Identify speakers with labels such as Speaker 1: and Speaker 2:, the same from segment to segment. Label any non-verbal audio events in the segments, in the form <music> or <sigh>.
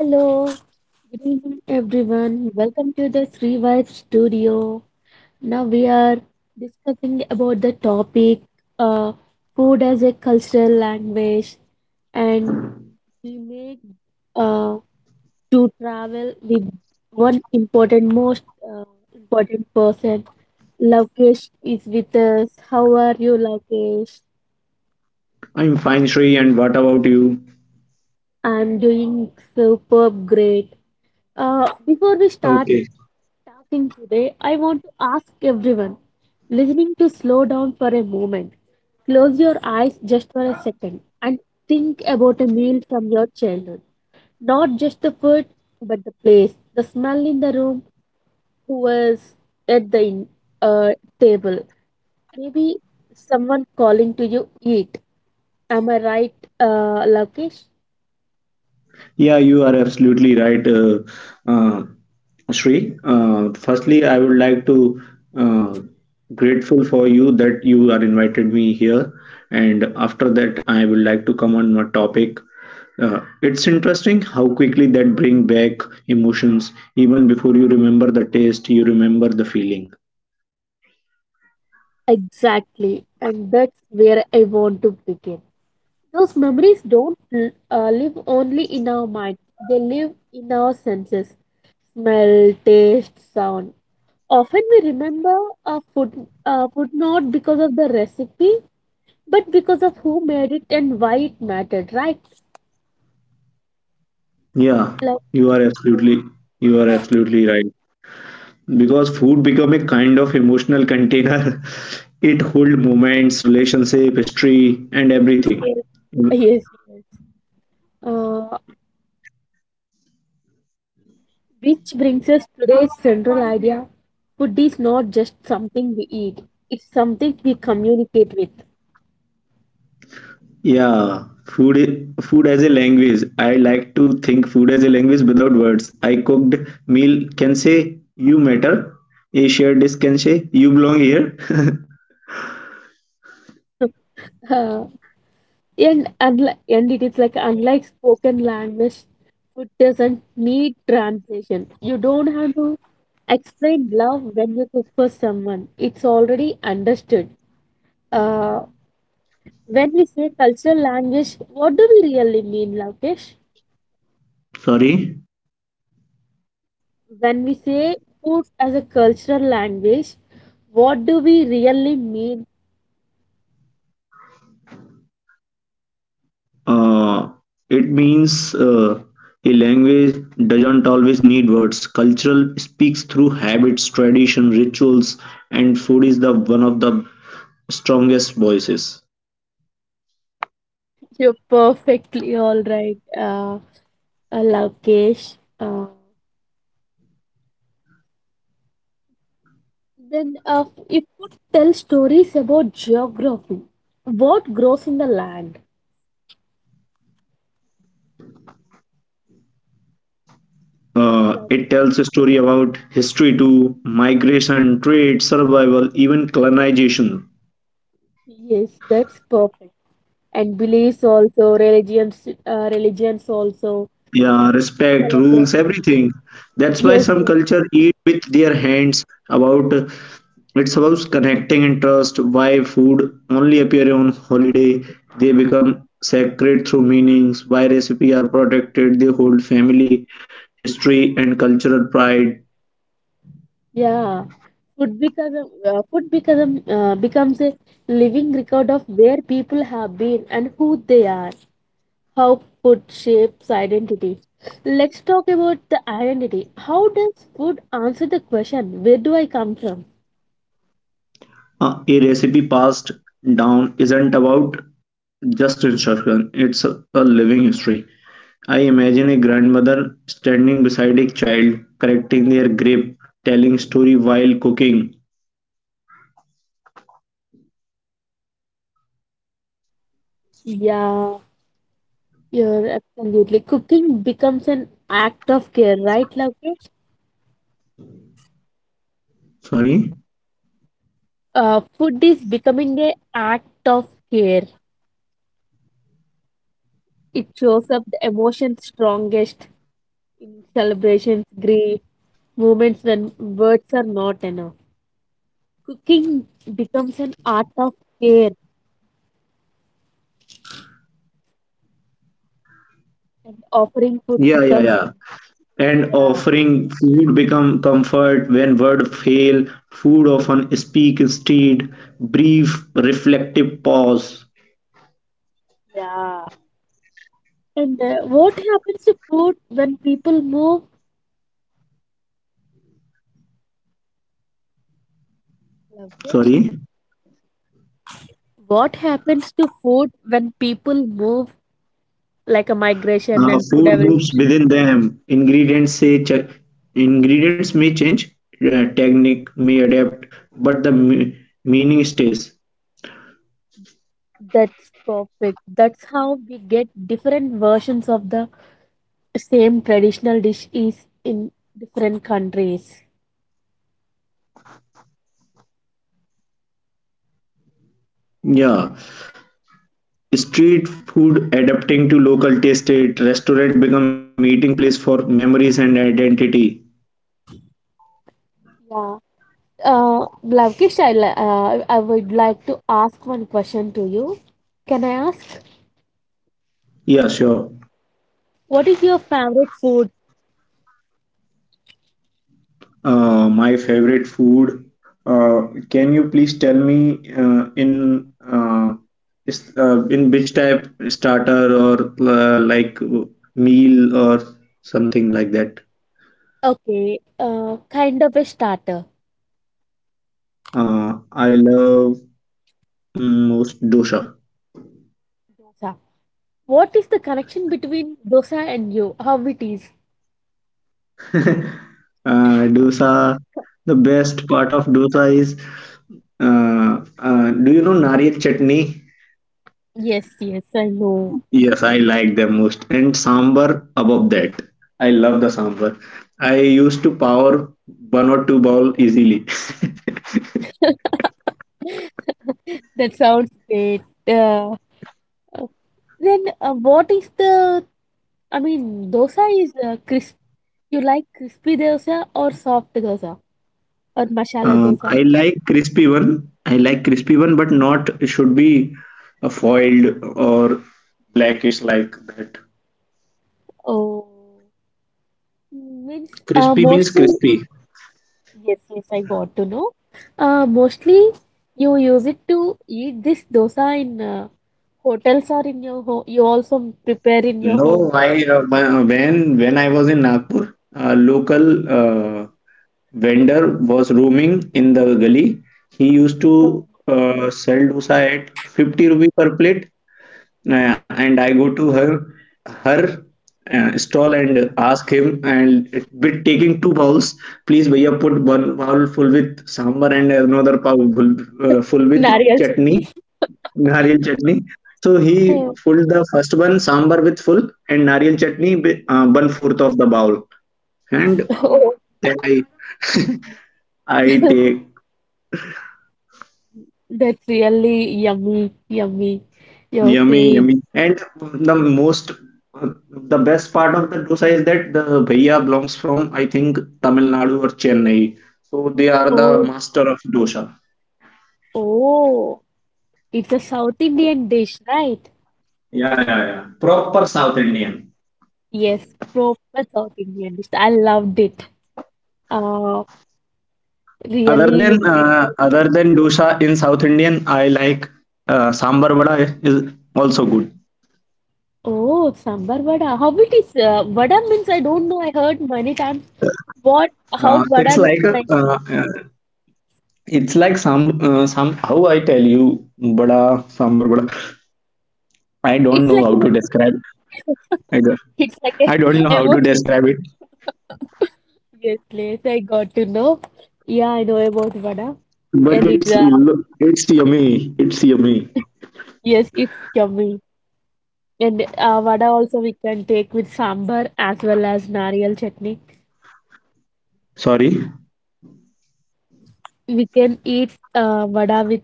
Speaker 1: Hello, good evening everyone. Welcome to the Sri Vibe Studio. Now we are discussing about the topic uh, food as a cultural language and we make uh, to travel with one important most important person. Lokesh is with us. How are you, Lokesh?
Speaker 2: I'm fine, Shri, and what about you?
Speaker 1: I'm doing superb, great. Before we start
Speaker 2: Okay.
Speaker 1: talking today, I want to ask everyone listening to slow down for a moment. Close your eyes just for a second and think about a meal from your childhood. Not just the food, but the place, the smell in the room, who was at the uh, table. Maybe someone calling to you, eat. Am I right, Lakesh?
Speaker 2: Yeah, you are absolutely right, uh, Shri. Firstly, I would like to uh, grateful for you that you are invited me here, and after that, I would like to come on my topic. Uh, interesting how quickly that bring back emotions even before you remember the taste, you remember the feeling.
Speaker 1: Exactly. And that's where I want to begin. Those memories don't live only in our mind, they live in our senses smell, taste, sound. Often we remember food not because of the recipe, but because of who made it and why it mattered, right?
Speaker 2: Yeah,
Speaker 1: Like,
Speaker 2: you are absolutely you are absolutely right. Because food become a kind of emotional container. <laughs> It hold moments, relationship, history, and everything.
Speaker 1: yes, yes. Uh, which brings us today's central idea. Food is not just something we eat, it's something we communicate with.
Speaker 2: Yeah, food, food as a language. I like to think food as a language without words. I cooked meal can say you matter. A shared dish can say you belong here. <laughs>
Speaker 1: <laughs> And, and it is like, unlike spoken language, food doesn't need translation. You don't have to explain love when you cook for someone, it's already understood. Uh, when we say cultural language, what do we really mean, Lokesh?
Speaker 2: Sorry.
Speaker 1: When we say food as a cultural language, what do we really mean?
Speaker 2: Uh, it means a language doesn't always need words. Cultural speaks through habits, tradition, rituals, and food is the one of the strongest voices.
Speaker 1: You're perfectly all right, Lokesh. Then, if you tell stories about geography, what grows in the land? Like,
Speaker 2: It tells a story about history too, migration, trade, survival, even colonization.
Speaker 1: yes, that's perfect. And beliefs also, religions, religions also,
Speaker 2: Yeah, respect, rules,
Speaker 1: celebration.
Speaker 2: everything. That's why
Speaker 1: Yes,
Speaker 2: some
Speaker 1: yes,
Speaker 2: culture eat with their hands. About it's about connecting and trust. Why food only appear on holiday? They become sacred through meanings. Why recipe are protected? They hold family, history, and cultural pride.
Speaker 1: yeah. Food becomes a, becomes a living record of where people have been and who they are. How food shapes identity. Let's talk about the identity. How does food answer the question, where do I come from?
Speaker 2: A recipe passed down isn't about just instruction. It's a living history. I imagine a grandmother standing beside a child, correcting their grip, telling story while cooking.
Speaker 1: Yeah, you're absolutely. Cooking becomes an act of care, right, Lokesh?
Speaker 2: Sorry?
Speaker 1: Food is becoming a act of care. It shows up the emotion strongest in celebrations, grief, moments when words are not enough. Cooking becomes an art of care, and offering food
Speaker 2: Yeah, yeah,
Speaker 1: becomes
Speaker 2: yeah. And
Speaker 1: yeah,
Speaker 2: offering food become comfort when word fail, food often speak instead, brief reflective pause.
Speaker 1: yeah. And what happens to food when people move, Lokesh?
Speaker 2: Sorry?
Speaker 1: What happens to food when people move? Like a migration and food
Speaker 2: Food
Speaker 1: evolution.
Speaker 2: moves within them. Ingredients say ingredients may change, technique may adapt, but meaning stays.
Speaker 1: That's perfect. That's how we get different versions of the same traditional dish is in different countries.
Speaker 2: Yeah, street food adapting to local taste, it restaurant become meeting place for memories and identity.
Speaker 1: Yeah. Lavkish, I would like to ask one question to you. Can I ask?
Speaker 2: Yeah, sure.
Speaker 1: What is your favorite food?
Speaker 2: My favorite food. Can you please tell me in which type, starter or like meal or something like that?
Speaker 1: Okay, kind of a starter.
Speaker 2: I love most dosa.
Speaker 1: Dosa. What is the connection between dosa and you? How it is?
Speaker 2: Dosa. The best part of dosa is do you know nariyal chutney?
Speaker 1: Yes, yes, I know.
Speaker 2: Yes, I like them most. And sambar above that. I love the sambar. I used to power one or two bowl easily. <laughs>
Speaker 1: <laughs> <laughs> That sounds great. Uh, then What is the, I mean, dosa is crisp. You like crispy dosa or soft dosa or masala dosa?
Speaker 2: I like crispy one. I like crispy one, but not should be a foiled or black. It's like that.
Speaker 1: Oh, means
Speaker 2: Crispy means
Speaker 1: mostly,
Speaker 2: crispy.
Speaker 1: yes, yes, I got to know. Mostly you use it to eat this dosa in hotels or in your home. You also prepare in your
Speaker 2: No,
Speaker 1: home.
Speaker 2: I, when I was in Nagpur, a local uh, vendor was roaming in the gully. He used
Speaker 1: Hmm.
Speaker 2: to sell dosa at 50 rupee per plate, and I go to her stall and ask him, and with taking two bowls, please भैया put one bowl full with sambar and another bowl full, full with
Speaker 1: Nariyal
Speaker 2: chutney,
Speaker 1: chutney.
Speaker 2: nariyal chutney. So he filled the first one sambar with full and nariyal chutney with, 1/4 of the bowl, and
Speaker 1: <laughs> Oh,
Speaker 2: then I
Speaker 1: <laughs>
Speaker 2: take
Speaker 1: that's really yummy, yummy. You're
Speaker 2: yummy,
Speaker 1: saying,
Speaker 2: yummy. And the most, the best part of the dosa is that the bhaiya belongs from, I think, Tamil Nadu or Chennai. So they are the
Speaker 1: oh,
Speaker 2: master of dosa.
Speaker 1: oh, it's a South Indian dish, right?
Speaker 2: Yeah, yeah, yeah. Proper South Indian.
Speaker 1: Yes, proper South Indian dish. I loved it. Uh,
Speaker 2: Other
Speaker 1: Really, you
Speaker 2: than
Speaker 1: made
Speaker 2: uh,
Speaker 1: that.
Speaker 2: other than dosa in South Indian, I like sambar vada is also good.
Speaker 1: Oh, sambar vada. How it is? Vada means I don't know. I heard many times what how
Speaker 2: Uh,
Speaker 1: vada
Speaker 2: it's like
Speaker 1: looks like.
Speaker 2: it's like some how I tell you, vada, sambar vada. I don't
Speaker 1: It's
Speaker 2: know
Speaker 1: like
Speaker 2: how
Speaker 1: an
Speaker 2: to describe.
Speaker 1: emotion.
Speaker 2: I don't,
Speaker 1: <laughs> It's like a
Speaker 2: I don't know
Speaker 1: <laughs>
Speaker 2: how to
Speaker 1: emotion.
Speaker 2: describe it,
Speaker 1: Yes, yes, I got to know. Yeah, I know about vada,
Speaker 2: but
Speaker 1: and it
Speaker 2: it's yummy. It's yummy.
Speaker 1: yes, it's yummy. And vada also we can take with sambar as well as nariyal chutney.
Speaker 2: Sorry.
Speaker 1: We can eat vada with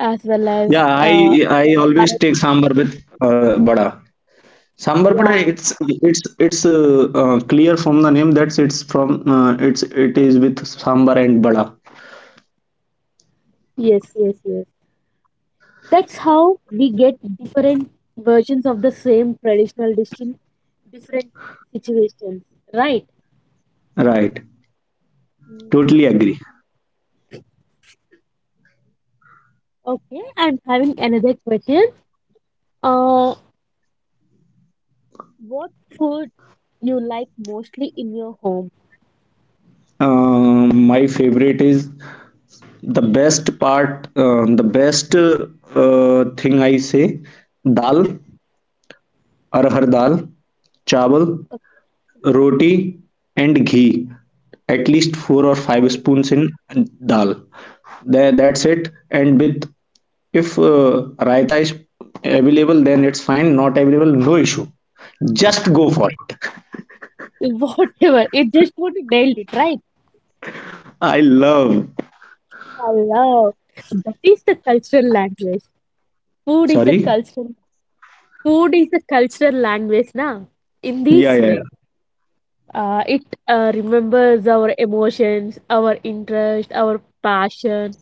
Speaker 1: as well as
Speaker 2: Yeah, I I
Speaker 1: sambar.
Speaker 2: always take sambar with vada. Sambar vada.
Speaker 1: Yeah.
Speaker 2: It's clear from the name that it's it is with sambar and vada.
Speaker 1: Yes, yes, yes. That's how we get different versions of the same traditional dish in different situations, right?
Speaker 2: Right.
Speaker 1: Mm,
Speaker 2: Totally agree.
Speaker 1: okay, I'm having another question. Uh, what food you like mostly in your home?
Speaker 2: My favorite is the best part. The best thing I say, dal, arhar dal, chawal, roti, and ghee, at least four or five
Speaker 1: Oh.
Speaker 2: spoons in dal. That, that's it. And with, if raita is available, then it's fine. Not available, no issue, just go for it.
Speaker 1: <laughs> Whatever, it just would nailed it, right?
Speaker 2: I love.
Speaker 1: Hello. That is the cultural language. Food is a
Speaker 2: Sorry.
Speaker 1: cultural Food is a cultural language now. In
Speaker 2: Yeah,
Speaker 1: this
Speaker 2: yeah,
Speaker 1: way, it remembers our emotions, our interest, our passion,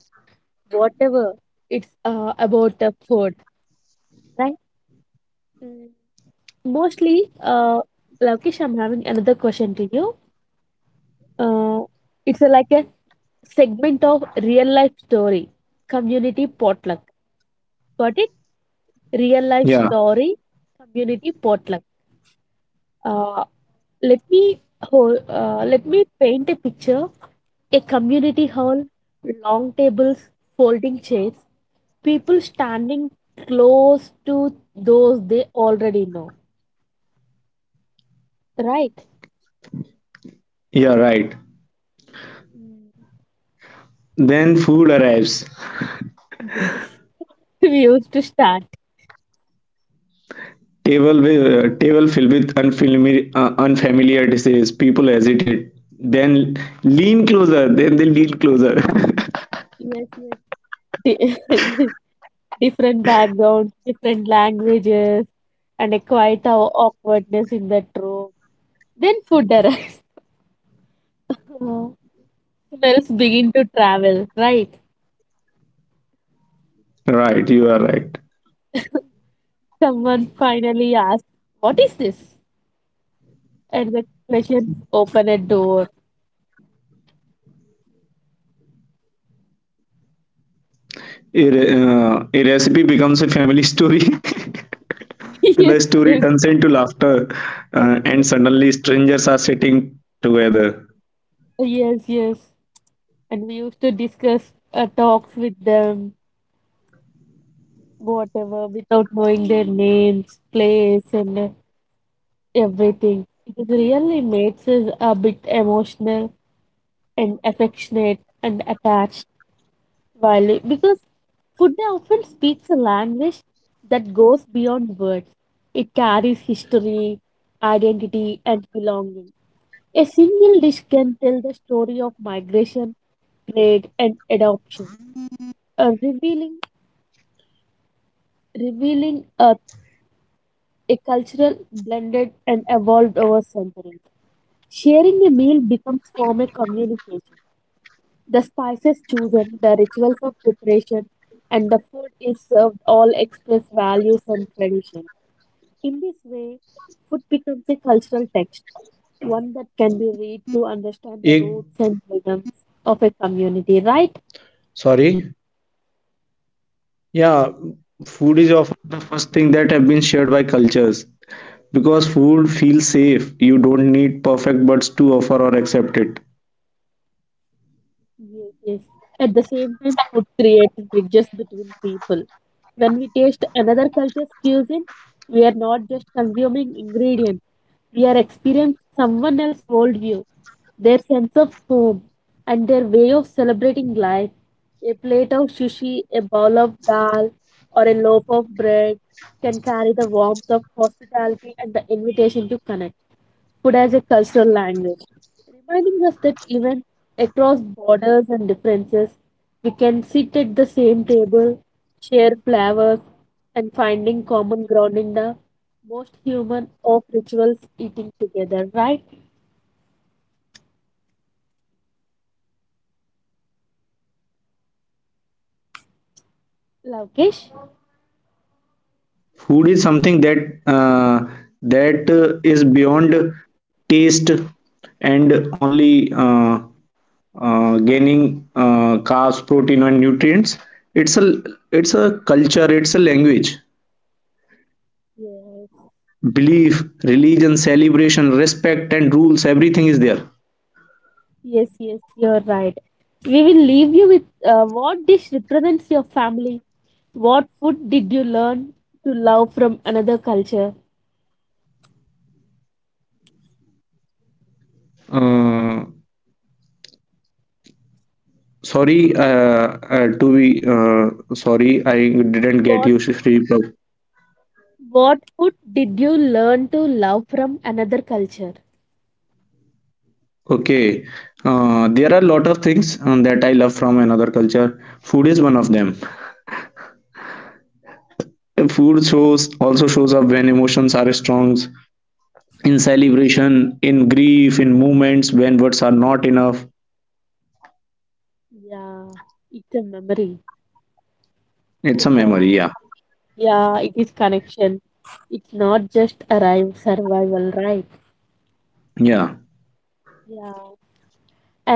Speaker 1: whatever it's about the food, right? Mm. Mostly, Lakesh, I'm having another question to you. Uh, it's a, like a segment of real life story, community potluck. Got it? Real life
Speaker 2: yeah.
Speaker 1: story community potluck, uh, let me paint a picture: a community hall, long tables, folding chairs, people standing close to those they already know, right?
Speaker 2: Yeah, right.
Speaker 1: Mm,
Speaker 2: Then food arrives,
Speaker 1: yes. <laughs> We used to start
Speaker 2: table with, table filled with unfamiliar dishes, people hesitate, then lean closer, then they lean closer. <laughs>
Speaker 1: yes, yes. Di- <laughs> yes. Different backgrounds, different languages, and a quite awkwardness in that room, then food arrives. <laughs> Smells begin to travel, right?
Speaker 2: Right, you are right.
Speaker 1: Someone finally asks, what is this? And the question open a door.
Speaker 2: A recipe becomes a family story. <laughs>
Speaker 1: <laughs>
Speaker 2: The
Speaker 1: Yes,
Speaker 2: story
Speaker 1: yes.
Speaker 2: turns into laughter, and
Speaker 1: <laughs>
Speaker 2: suddenly strangers are sitting together.
Speaker 1: Yes, yes. And we used to discuss talks with them, whatever, without knowing their names, place, and everything. It really makes us a bit emotional and affectionate and attached. Violet, because food often speaks a language that goes beyond words. It carries history, identity, and belonging. A single dish can tell the story of migration, trade, and adoption, uh, revealing revealing a cultural blended and evolved over centuries. Sharing a meal becomes form a communication. The spices chosen, the rituals of preparation, and the food is served all express values and tradition. In this way, food becomes a cultural text, one that can be read to understand the roots and rhythms of a community, right? Yes, yes. At the same time, food creates bridges between people. When we taste another culture's cuisine, we are not just consuming ingredients, we are experiencing someone else's worldview, their sense of home, and their way of celebrating life. A plate of sushi, a bowl of dal, or a loaf of bread can carry the warmth of hospitality and the invitation to connect food as a cultural language, reminding us that even across borders and differences, we can sit at the same table, share flavors, and finding common ground in the most human of rituals eating together, right, Lavkesh?
Speaker 2: Food is something uh, that is beyond taste and only gaining carbs, protein, and nutrients. It's a, it's a culture. It's a language,
Speaker 1: Yes,
Speaker 2: belief, religion, celebration, respect, and rules. Everything is there.
Speaker 1: yes, yes, you're right. We will leave you with what dish represents your family. What food did you learn to love from another culture?
Speaker 2: Uh, sorry to be sorry. I didn't get
Speaker 1: What
Speaker 2: you, Shri. Prabhu.
Speaker 1: What food did you learn to love from another culture?
Speaker 2: Okay, there are a lot of things that I love from another culture. Food is one of them. Food shows, also shows up when emotions are strong, in celebration, in grief, in moments when words are not enough.
Speaker 1: Yeah, it's a memory.
Speaker 2: It's a
Speaker 1: It's a
Speaker 2: memory, yeah,
Speaker 1: yeah, it is connection. It's not just arrive survival, right?
Speaker 2: yeah.
Speaker 1: Yeah.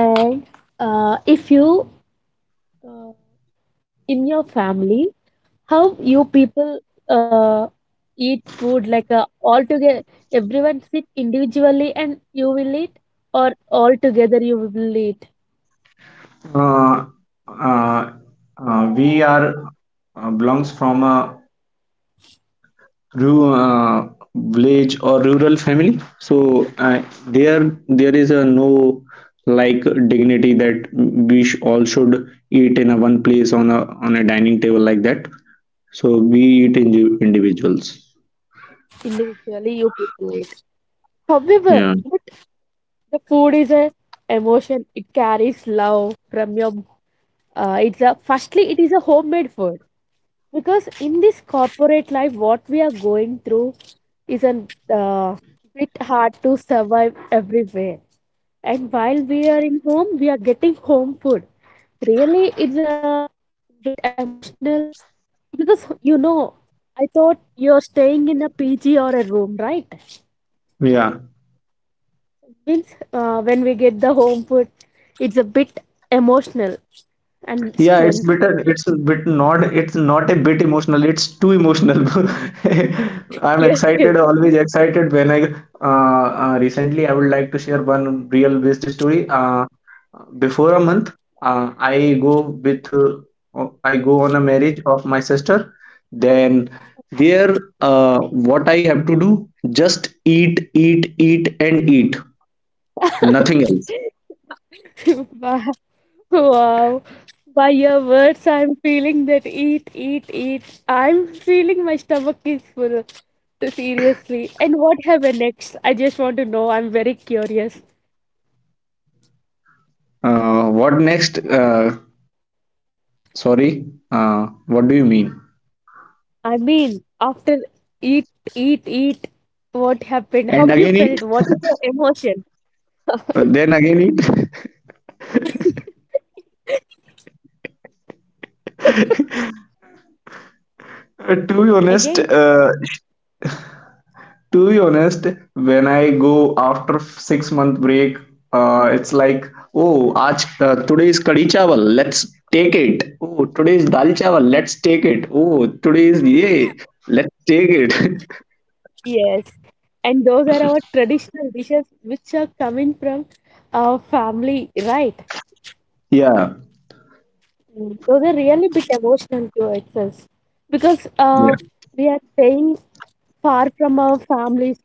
Speaker 1: And if you uh, in your family, how you people uh, eat food like all together, everyone sit individually and you will eat, or all together you will eat.
Speaker 2: Uh, uh, we are belongs from a Ru village or rural family, so there is a no like dignity that we sh all should eat in a one place on a dining table like that. So we eat in individuals.
Speaker 1: Individually, you people eat. However,
Speaker 2: Yeah,
Speaker 1: but the food is a emotion. It carries love from your. It's a firstly, it is a homemade food because in this corporate life, what we are going through is a uh, bit hard to survive everywhere. And while we are in home, we are getting home food. Really, it's a bit emotional because you know, I thought you're staying in a PG or a room, right?
Speaker 2: yeah.
Speaker 1: Means when we get the home food, it's a bit emotional and
Speaker 2: Yeah, it's bit,
Speaker 1: strength.
Speaker 2: it's a bit not, it's not a bit emotional. It's too emotional. <laughs> I'm
Speaker 1: Yes,
Speaker 2: excited,
Speaker 1: yes.
Speaker 2: always excited when I, recently, I would like to share one real based story. Before a month, uh, I go with uh, I go on a marriage of my sister. Then there, what I have to do, just eat, eat, eat, and eat, nothing else.
Speaker 1: <laughs> Wow. Wow. By your words, I'm feeling that eat, eat, eat. I'm feeling my stomach is full, seriously. And what happened next? I just want to know, I'm very curious.
Speaker 2: What next? Sorry, what do you mean?
Speaker 1: I mean, after eat, eat, eat, what happened?
Speaker 2: And
Speaker 1: How
Speaker 2: again
Speaker 1: you
Speaker 2: eat,
Speaker 1: felt? What is your emotion?
Speaker 2: then again eat. <laughs> To be honest,
Speaker 1: Again,
Speaker 2: to be honest, when I go after 6 month break, it's like, oh, aaj, today is kadi chawal, let's take it. Oh, today is dal chawal, let's take it. Oh, today is ye, let's take it. <laughs>
Speaker 1: yes, and those are our traditional dishes which are coming from our family, right?
Speaker 2: Yeah,
Speaker 1: Mm. Those are really bit emotional to access because
Speaker 2: yeah,
Speaker 1: we are staying far from our families.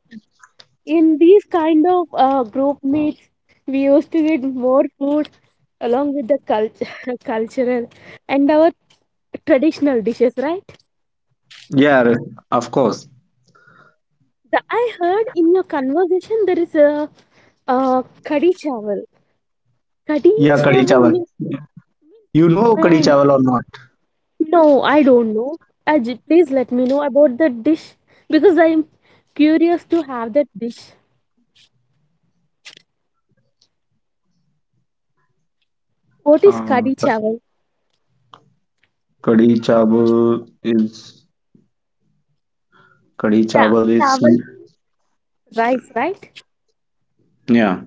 Speaker 1: In these kind of group meets, we used to get more food along with the culture, <laughs> cultural and our traditional dishes, right?
Speaker 2: yeah, of course.
Speaker 1: I heard in your conversation there is a kadi chawal. Kadi
Speaker 2: Yeah, kadi
Speaker 1: chawal,
Speaker 2: chawal. You know kadi
Speaker 1: man,
Speaker 2: chawal or
Speaker 1: no, I don't know. Uh, Please let me know about that dish because I'm curious to have that dish. What is
Speaker 2: not?
Speaker 1: kadi chawal?
Speaker 2: Kadi chawal is Kadi
Speaker 1: Yeah,
Speaker 2: chawal is
Speaker 1: chawal means rice, right?
Speaker 2: yeah.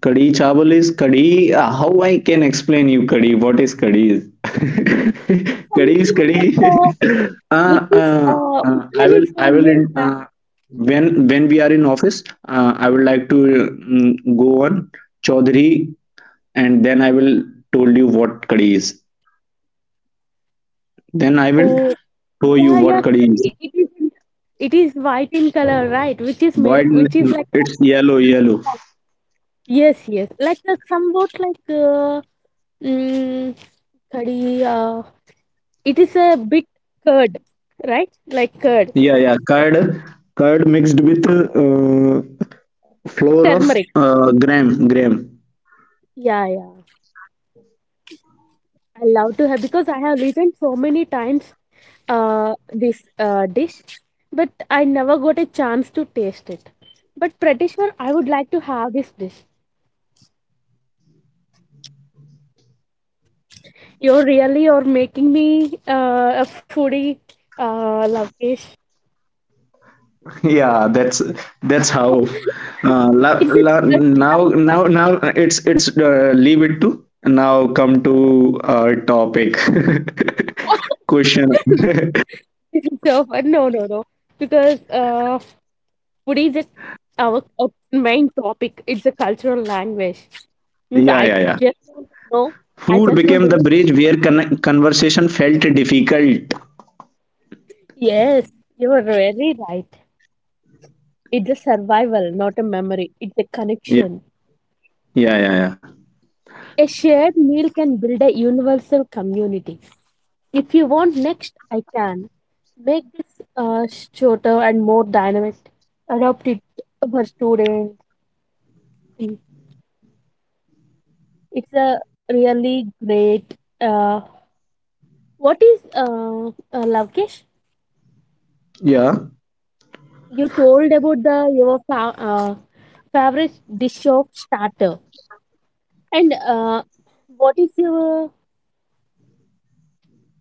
Speaker 2: Kadi chawal is kadi. Uh, how I can explain you kadi? What is kadi is? <laughs>
Speaker 1: Kadi is
Speaker 2: Kadi is
Speaker 1: something
Speaker 2: kadi.
Speaker 1: like
Speaker 2: <laughs> uh,
Speaker 1: which is
Speaker 2: uh,
Speaker 1: which
Speaker 2: I
Speaker 1: one
Speaker 2: will,
Speaker 1: is from milk? Right?
Speaker 2: when we are in office. I would like to go on Chaudhary, and then I will told you what kadi is. Then I will
Speaker 1: Oh,
Speaker 2: show you
Speaker 1: yeah, yeah,
Speaker 2: what kadi is.
Speaker 1: kadi. It is white in color, right? Which is made
Speaker 2: Why
Speaker 1: up, which is like
Speaker 2: it's yellow
Speaker 1: a milk
Speaker 2: yellow.
Speaker 1: chawal. Yes, yes, like somewhat like mm, kadi. It is a bit curd, right? Like curd,
Speaker 2: Yeah, yeah, curd, curd mixed with flour of
Speaker 1: turmeric.
Speaker 2: gram, gram.
Speaker 1: Yeah, yeah. I love to have because I have eaten so many times this dish, but I never got a chance to taste it. But pretty sure I would like to have this dish. You're really you're making me a foodie, Lovekesh.
Speaker 2: <laughs> Yeah, that's how.
Speaker 1: Is it?
Speaker 2: Now, now, now it's leave it to. Now come to our topic. <laughs> Question.
Speaker 1: <laughs>
Speaker 2: <laughs>
Speaker 1: This is so fun. No, no, no. Because food is just our main topic. It's a cultural language. Means
Speaker 2: Yeah,
Speaker 1: I
Speaker 2: yeah, yeah.
Speaker 1: just want to know. I
Speaker 2: Food
Speaker 1: just want
Speaker 2: became
Speaker 1: to
Speaker 2: the
Speaker 1: know.
Speaker 2: bridge where conversation felt difficult.
Speaker 1: Yes, you are very right. It's a survival, not a memory. It's a
Speaker 2: Yeah,
Speaker 1: connection.
Speaker 2: yeah, yeah, yeah.
Speaker 1: A shared meal can build a universal community. If you want next, I can. Make this shorter and more dynamic. Adopt it for students. Mm. It's a really great. What is Lavkesh?
Speaker 2: Yeah.
Speaker 1: You told about the your favorite dish of starter and what is your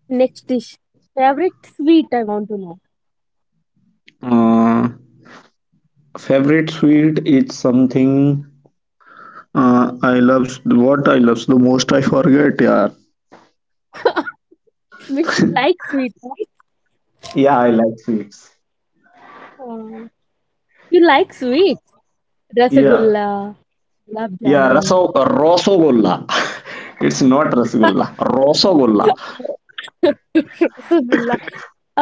Speaker 1: next dish favorite sweet. I want to know.
Speaker 2: Uh, favorite sweet is something. I loves what I loves the most. I forget, yeah.
Speaker 1: Miss, you like sweet, right?
Speaker 2: Yeah, I like sweets.
Speaker 1: Uh, you like sweet,
Speaker 2: Yeah.
Speaker 1: rasagulla, gulab
Speaker 2: Yeah,
Speaker 1: jamun.
Speaker 2: raso rosogolla. <laughs> It's not rasgulla,
Speaker 1: <laughs>
Speaker 2: rosogolla.
Speaker 1: Rasagulla,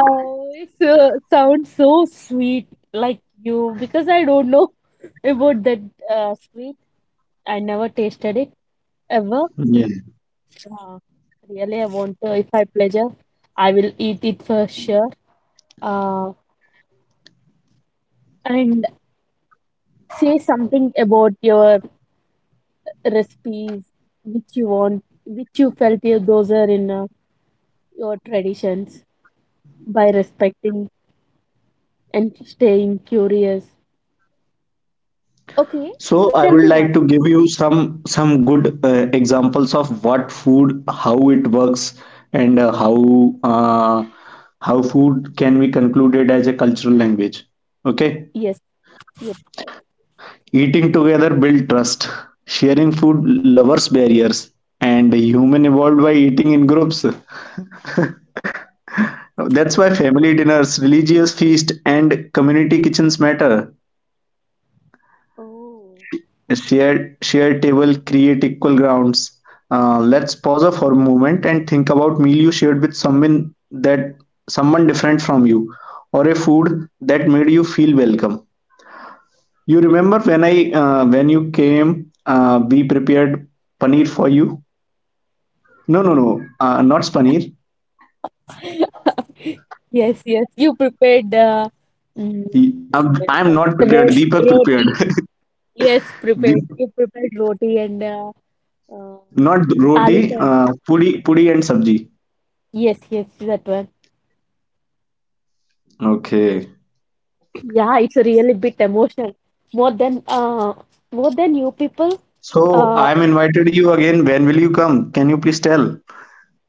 Speaker 1: oh it sounds so sweet, like you, because I don't know <laughs> about that sweet. I never tasted it, ever.
Speaker 2: Yeah.
Speaker 1: Uh, Really, I want to, if I pleasure, I will eat it for sure. Uh, and say something about your recipes which you want, which you felt you, those are in your traditions, by respecting and staying curious. Okay,
Speaker 2: So I
Speaker 1: tell
Speaker 2: would
Speaker 1: me
Speaker 2: like
Speaker 1: one.
Speaker 2: to give you some good examples of what food, how it works, and uh, how food can be concluded as a cultural language. Okay.
Speaker 1: Yes, yes.
Speaker 2: Eating together built trust, sharing food lowers barriers, and human evolved by eating in groups. That's why family dinners, religious feast, and community kitchens matter.
Speaker 1: Oh.
Speaker 2: A shared table create equal grounds. Let's pause for a moment and think about meal you shared with someone, that someone different from you, or a food that made you feel welcome. You remember when I, when you came, we prepared paneer for you. No, no, no. Not spaneer.
Speaker 1: <laughs> Yes, yes. You prepared mm, that,
Speaker 2: I'm not prepared.
Speaker 1: ro-
Speaker 2: Deepak prepared.
Speaker 1: roti.
Speaker 2: <laughs>
Speaker 1: Yes, prepared.
Speaker 2: Deep,
Speaker 1: You prepared roti and Uh,
Speaker 2: not roti,
Speaker 1: aloo curry.
Speaker 2: pudi, pudi and sabji.
Speaker 1: Yes, yes, that one.
Speaker 2: Okay.
Speaker 1: <clears throat> Yeah, it's a really bit emotional. More than uh, more than you people.
Speaker 2: So
Speaker 1: Uh,
Speaker 2: I'm invited you again. When will you come? Can you please tell?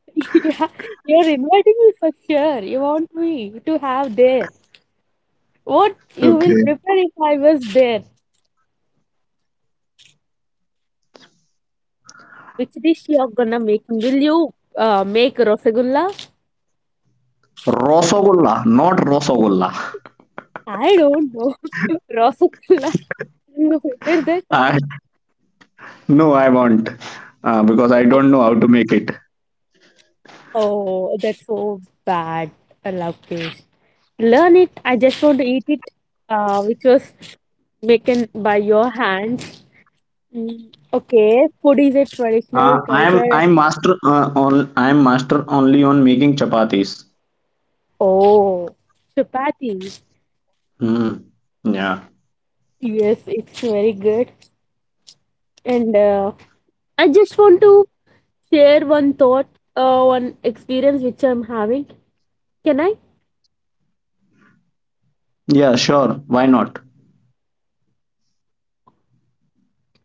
Speaker 1: <laughs> yeah, you're inviting me for sure. You want me to have there. What you will
Speaker 2: Okay.
Speaker 1: prepare if I was there? Which dish you're gonna make? Will you make rasagulla?
Speaker 2: Rosagulla, not rosagulla.
Speaker 1: I don't know. <laughs> Rasagulla. Will you prepare that?
Speaker 2: <laughs> I, no, I won't, because I
Speaker 1: Uh,
Speaker 2: don't know how to make it.
Speaker 1: Oh, that's so bad. I love cakes. Learn it. I just want to eat it, which was making by your hands. Okay, food is a traditional culture.
Speaker 2: I'm master only on making chapatis.
Speaker 1: Oh, chapati.
Speaker 2: Hmm. Yeah.
Speaker 1: Yes, it's very good. And I just want to share one thought, one experience which I'm having. Can I?
Speaker 2: Yeah, sure. Why not?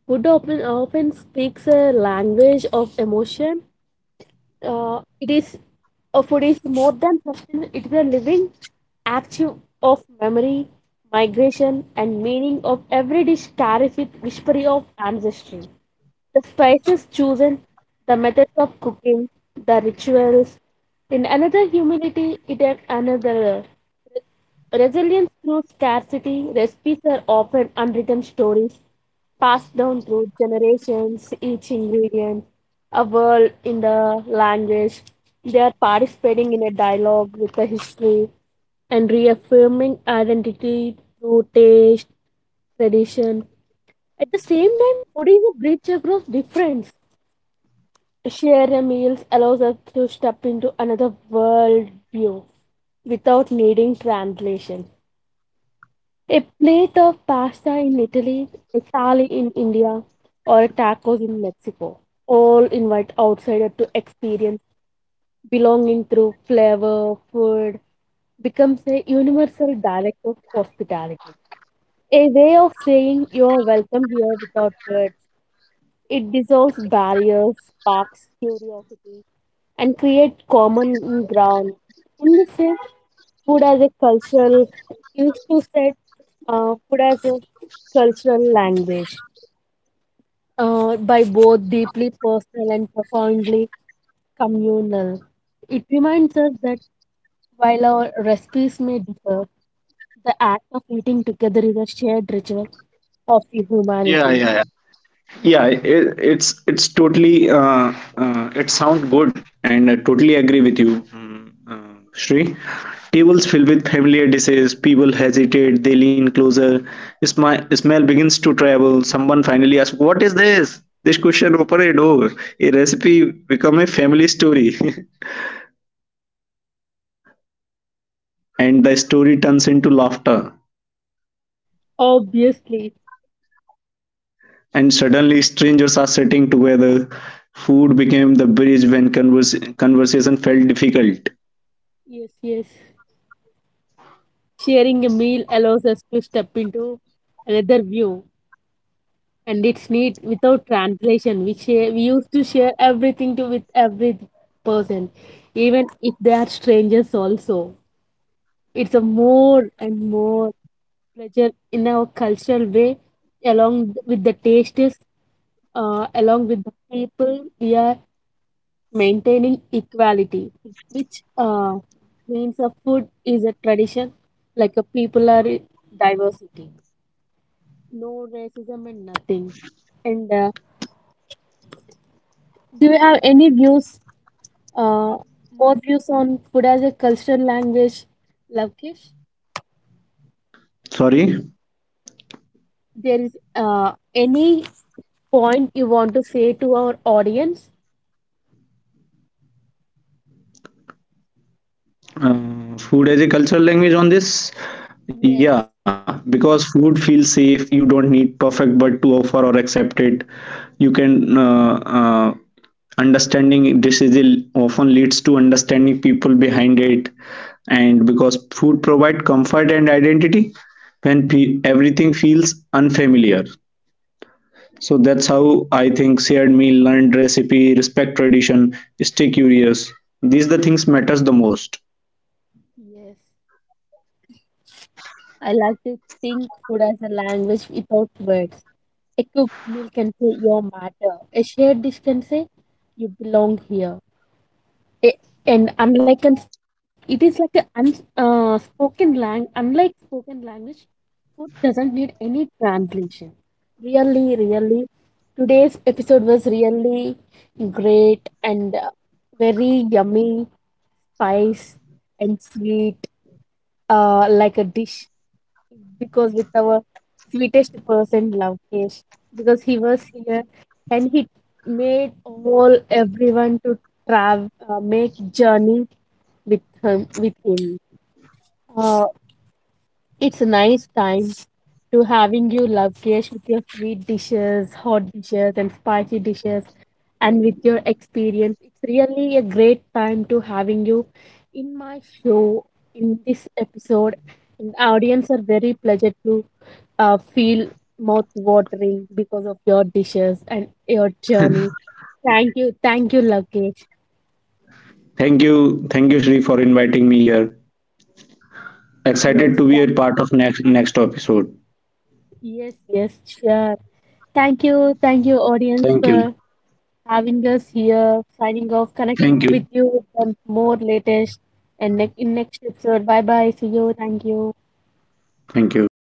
Speaker 1: Food often speaks a language of emotion. It is a Food is more than sustain. It is a living archive of memory, migration, and meaning of every dish carries with whispery of ancestry. The spices chosen, the methods of cooking, the rituals. In another humility, it is another resilience through scarcity. Recipes are often unwritten stories passed down through generations, each ingredient a word in the language. They are participating in a dialogue with the history and reaffirming identity through taste, tradition. At the same time, food is a bridge across difference. Share a meals allows us to step into another world view without needing translation. A plate of pasta in Italy, a thali in India, or tacos in Mexico all invite outsider to experience belonging through flavor. Food becomes a universal dialect of hospitality, a way of saying you're welcome here without words. It dissolves barriers, sparks curiosity, and creates common ground. In this way, food as a cultural used to said, food as a cultural language by both deeply personal and profoundly communal. It reminds us that while our recipes may differ, the act of eating together is a shared ritual of the humanity.
Speaker 2: Yeah, it's totally it sounds good, and I totally agree with you, Shri. Tables filled with familiar dishes, people hesitate, they lean closer. Smile, smell begins to travel. Someone finally asks, "What is this?" This question opens a door. A recipe becomes a family story, <laughs> and the story turns into laughter.
Speaker 1: Obviously,
Speaker 2: And suddenly, strangers are sitting together. Food became the bridge when conversation felt difficult.
Speaker 1: yes, yes. Sharing a meal allows us to step into another view, and it's neat without translation. We share, we used to share everything to with every person, even if they are strangers also. It's a more and more pleasure in our cultural way, along with the tastes, along with the people. We are maintaining equality, which means a food is a tradition, like a people are diversity. No racism and nothing. And do you have any views, uh, more views on food as a cultural language, Lavkish?
Speaker 2: Sorry.
Speaker 1: There is any point you want to say to our audience?
Speaker 2: Food as a cultural language on this?
Speaker 1: Yes,
Speaker 2: Yeah, because food feels safe. You don't need perfect but to offer or accept it. You can uh, understanding often leads understanding people behind it. And because food provide comfort and identity when everything feels unfamiliar. So that's how I think, shared meal, learned recipe, respect tradition, stay curious. These the things matters the most.
Speaker 1: yes. I like to think food as a language without words. A cooked meal can say your matter. A shared dish can say you belong here. A- and unlike an, it is like an un, spoken lang unlike spoken language, food doesn't need any translation. Really, really, today's episode was really great and very yummy, spice and sweet, like a dish, because with our sweetest person Lavkesh, because he was here and he made all everyone to travel, make journey with him. Uh, it's a nice time to having you love Kesh with your sweet dishes, hot dishes, and spicy dishes, and with your experience. It's really a great time to having you in my show, in this episode. And the audience are very pleasant to feel mouth watering because of your dishes and your journey. Thank you, Lokesh.
Speaker 2: Thank you, Shri, for inviting me here. Excited
Speaker 1: Yes,
Speaker 2: to be a
Speaker 1: thank you.
Speaker 2: part of next episode.
Speaker 1: Yes, yes, sure. Thank you, audience,
Speaker 2: Thank you.
Speaker 1: for having us here, signing off, connect
Speaker 2: Thank you.
Speaker 1: with you with the more latest and in next episode. Bye bye. See you. Thank you.
Speaker 2: Thank you.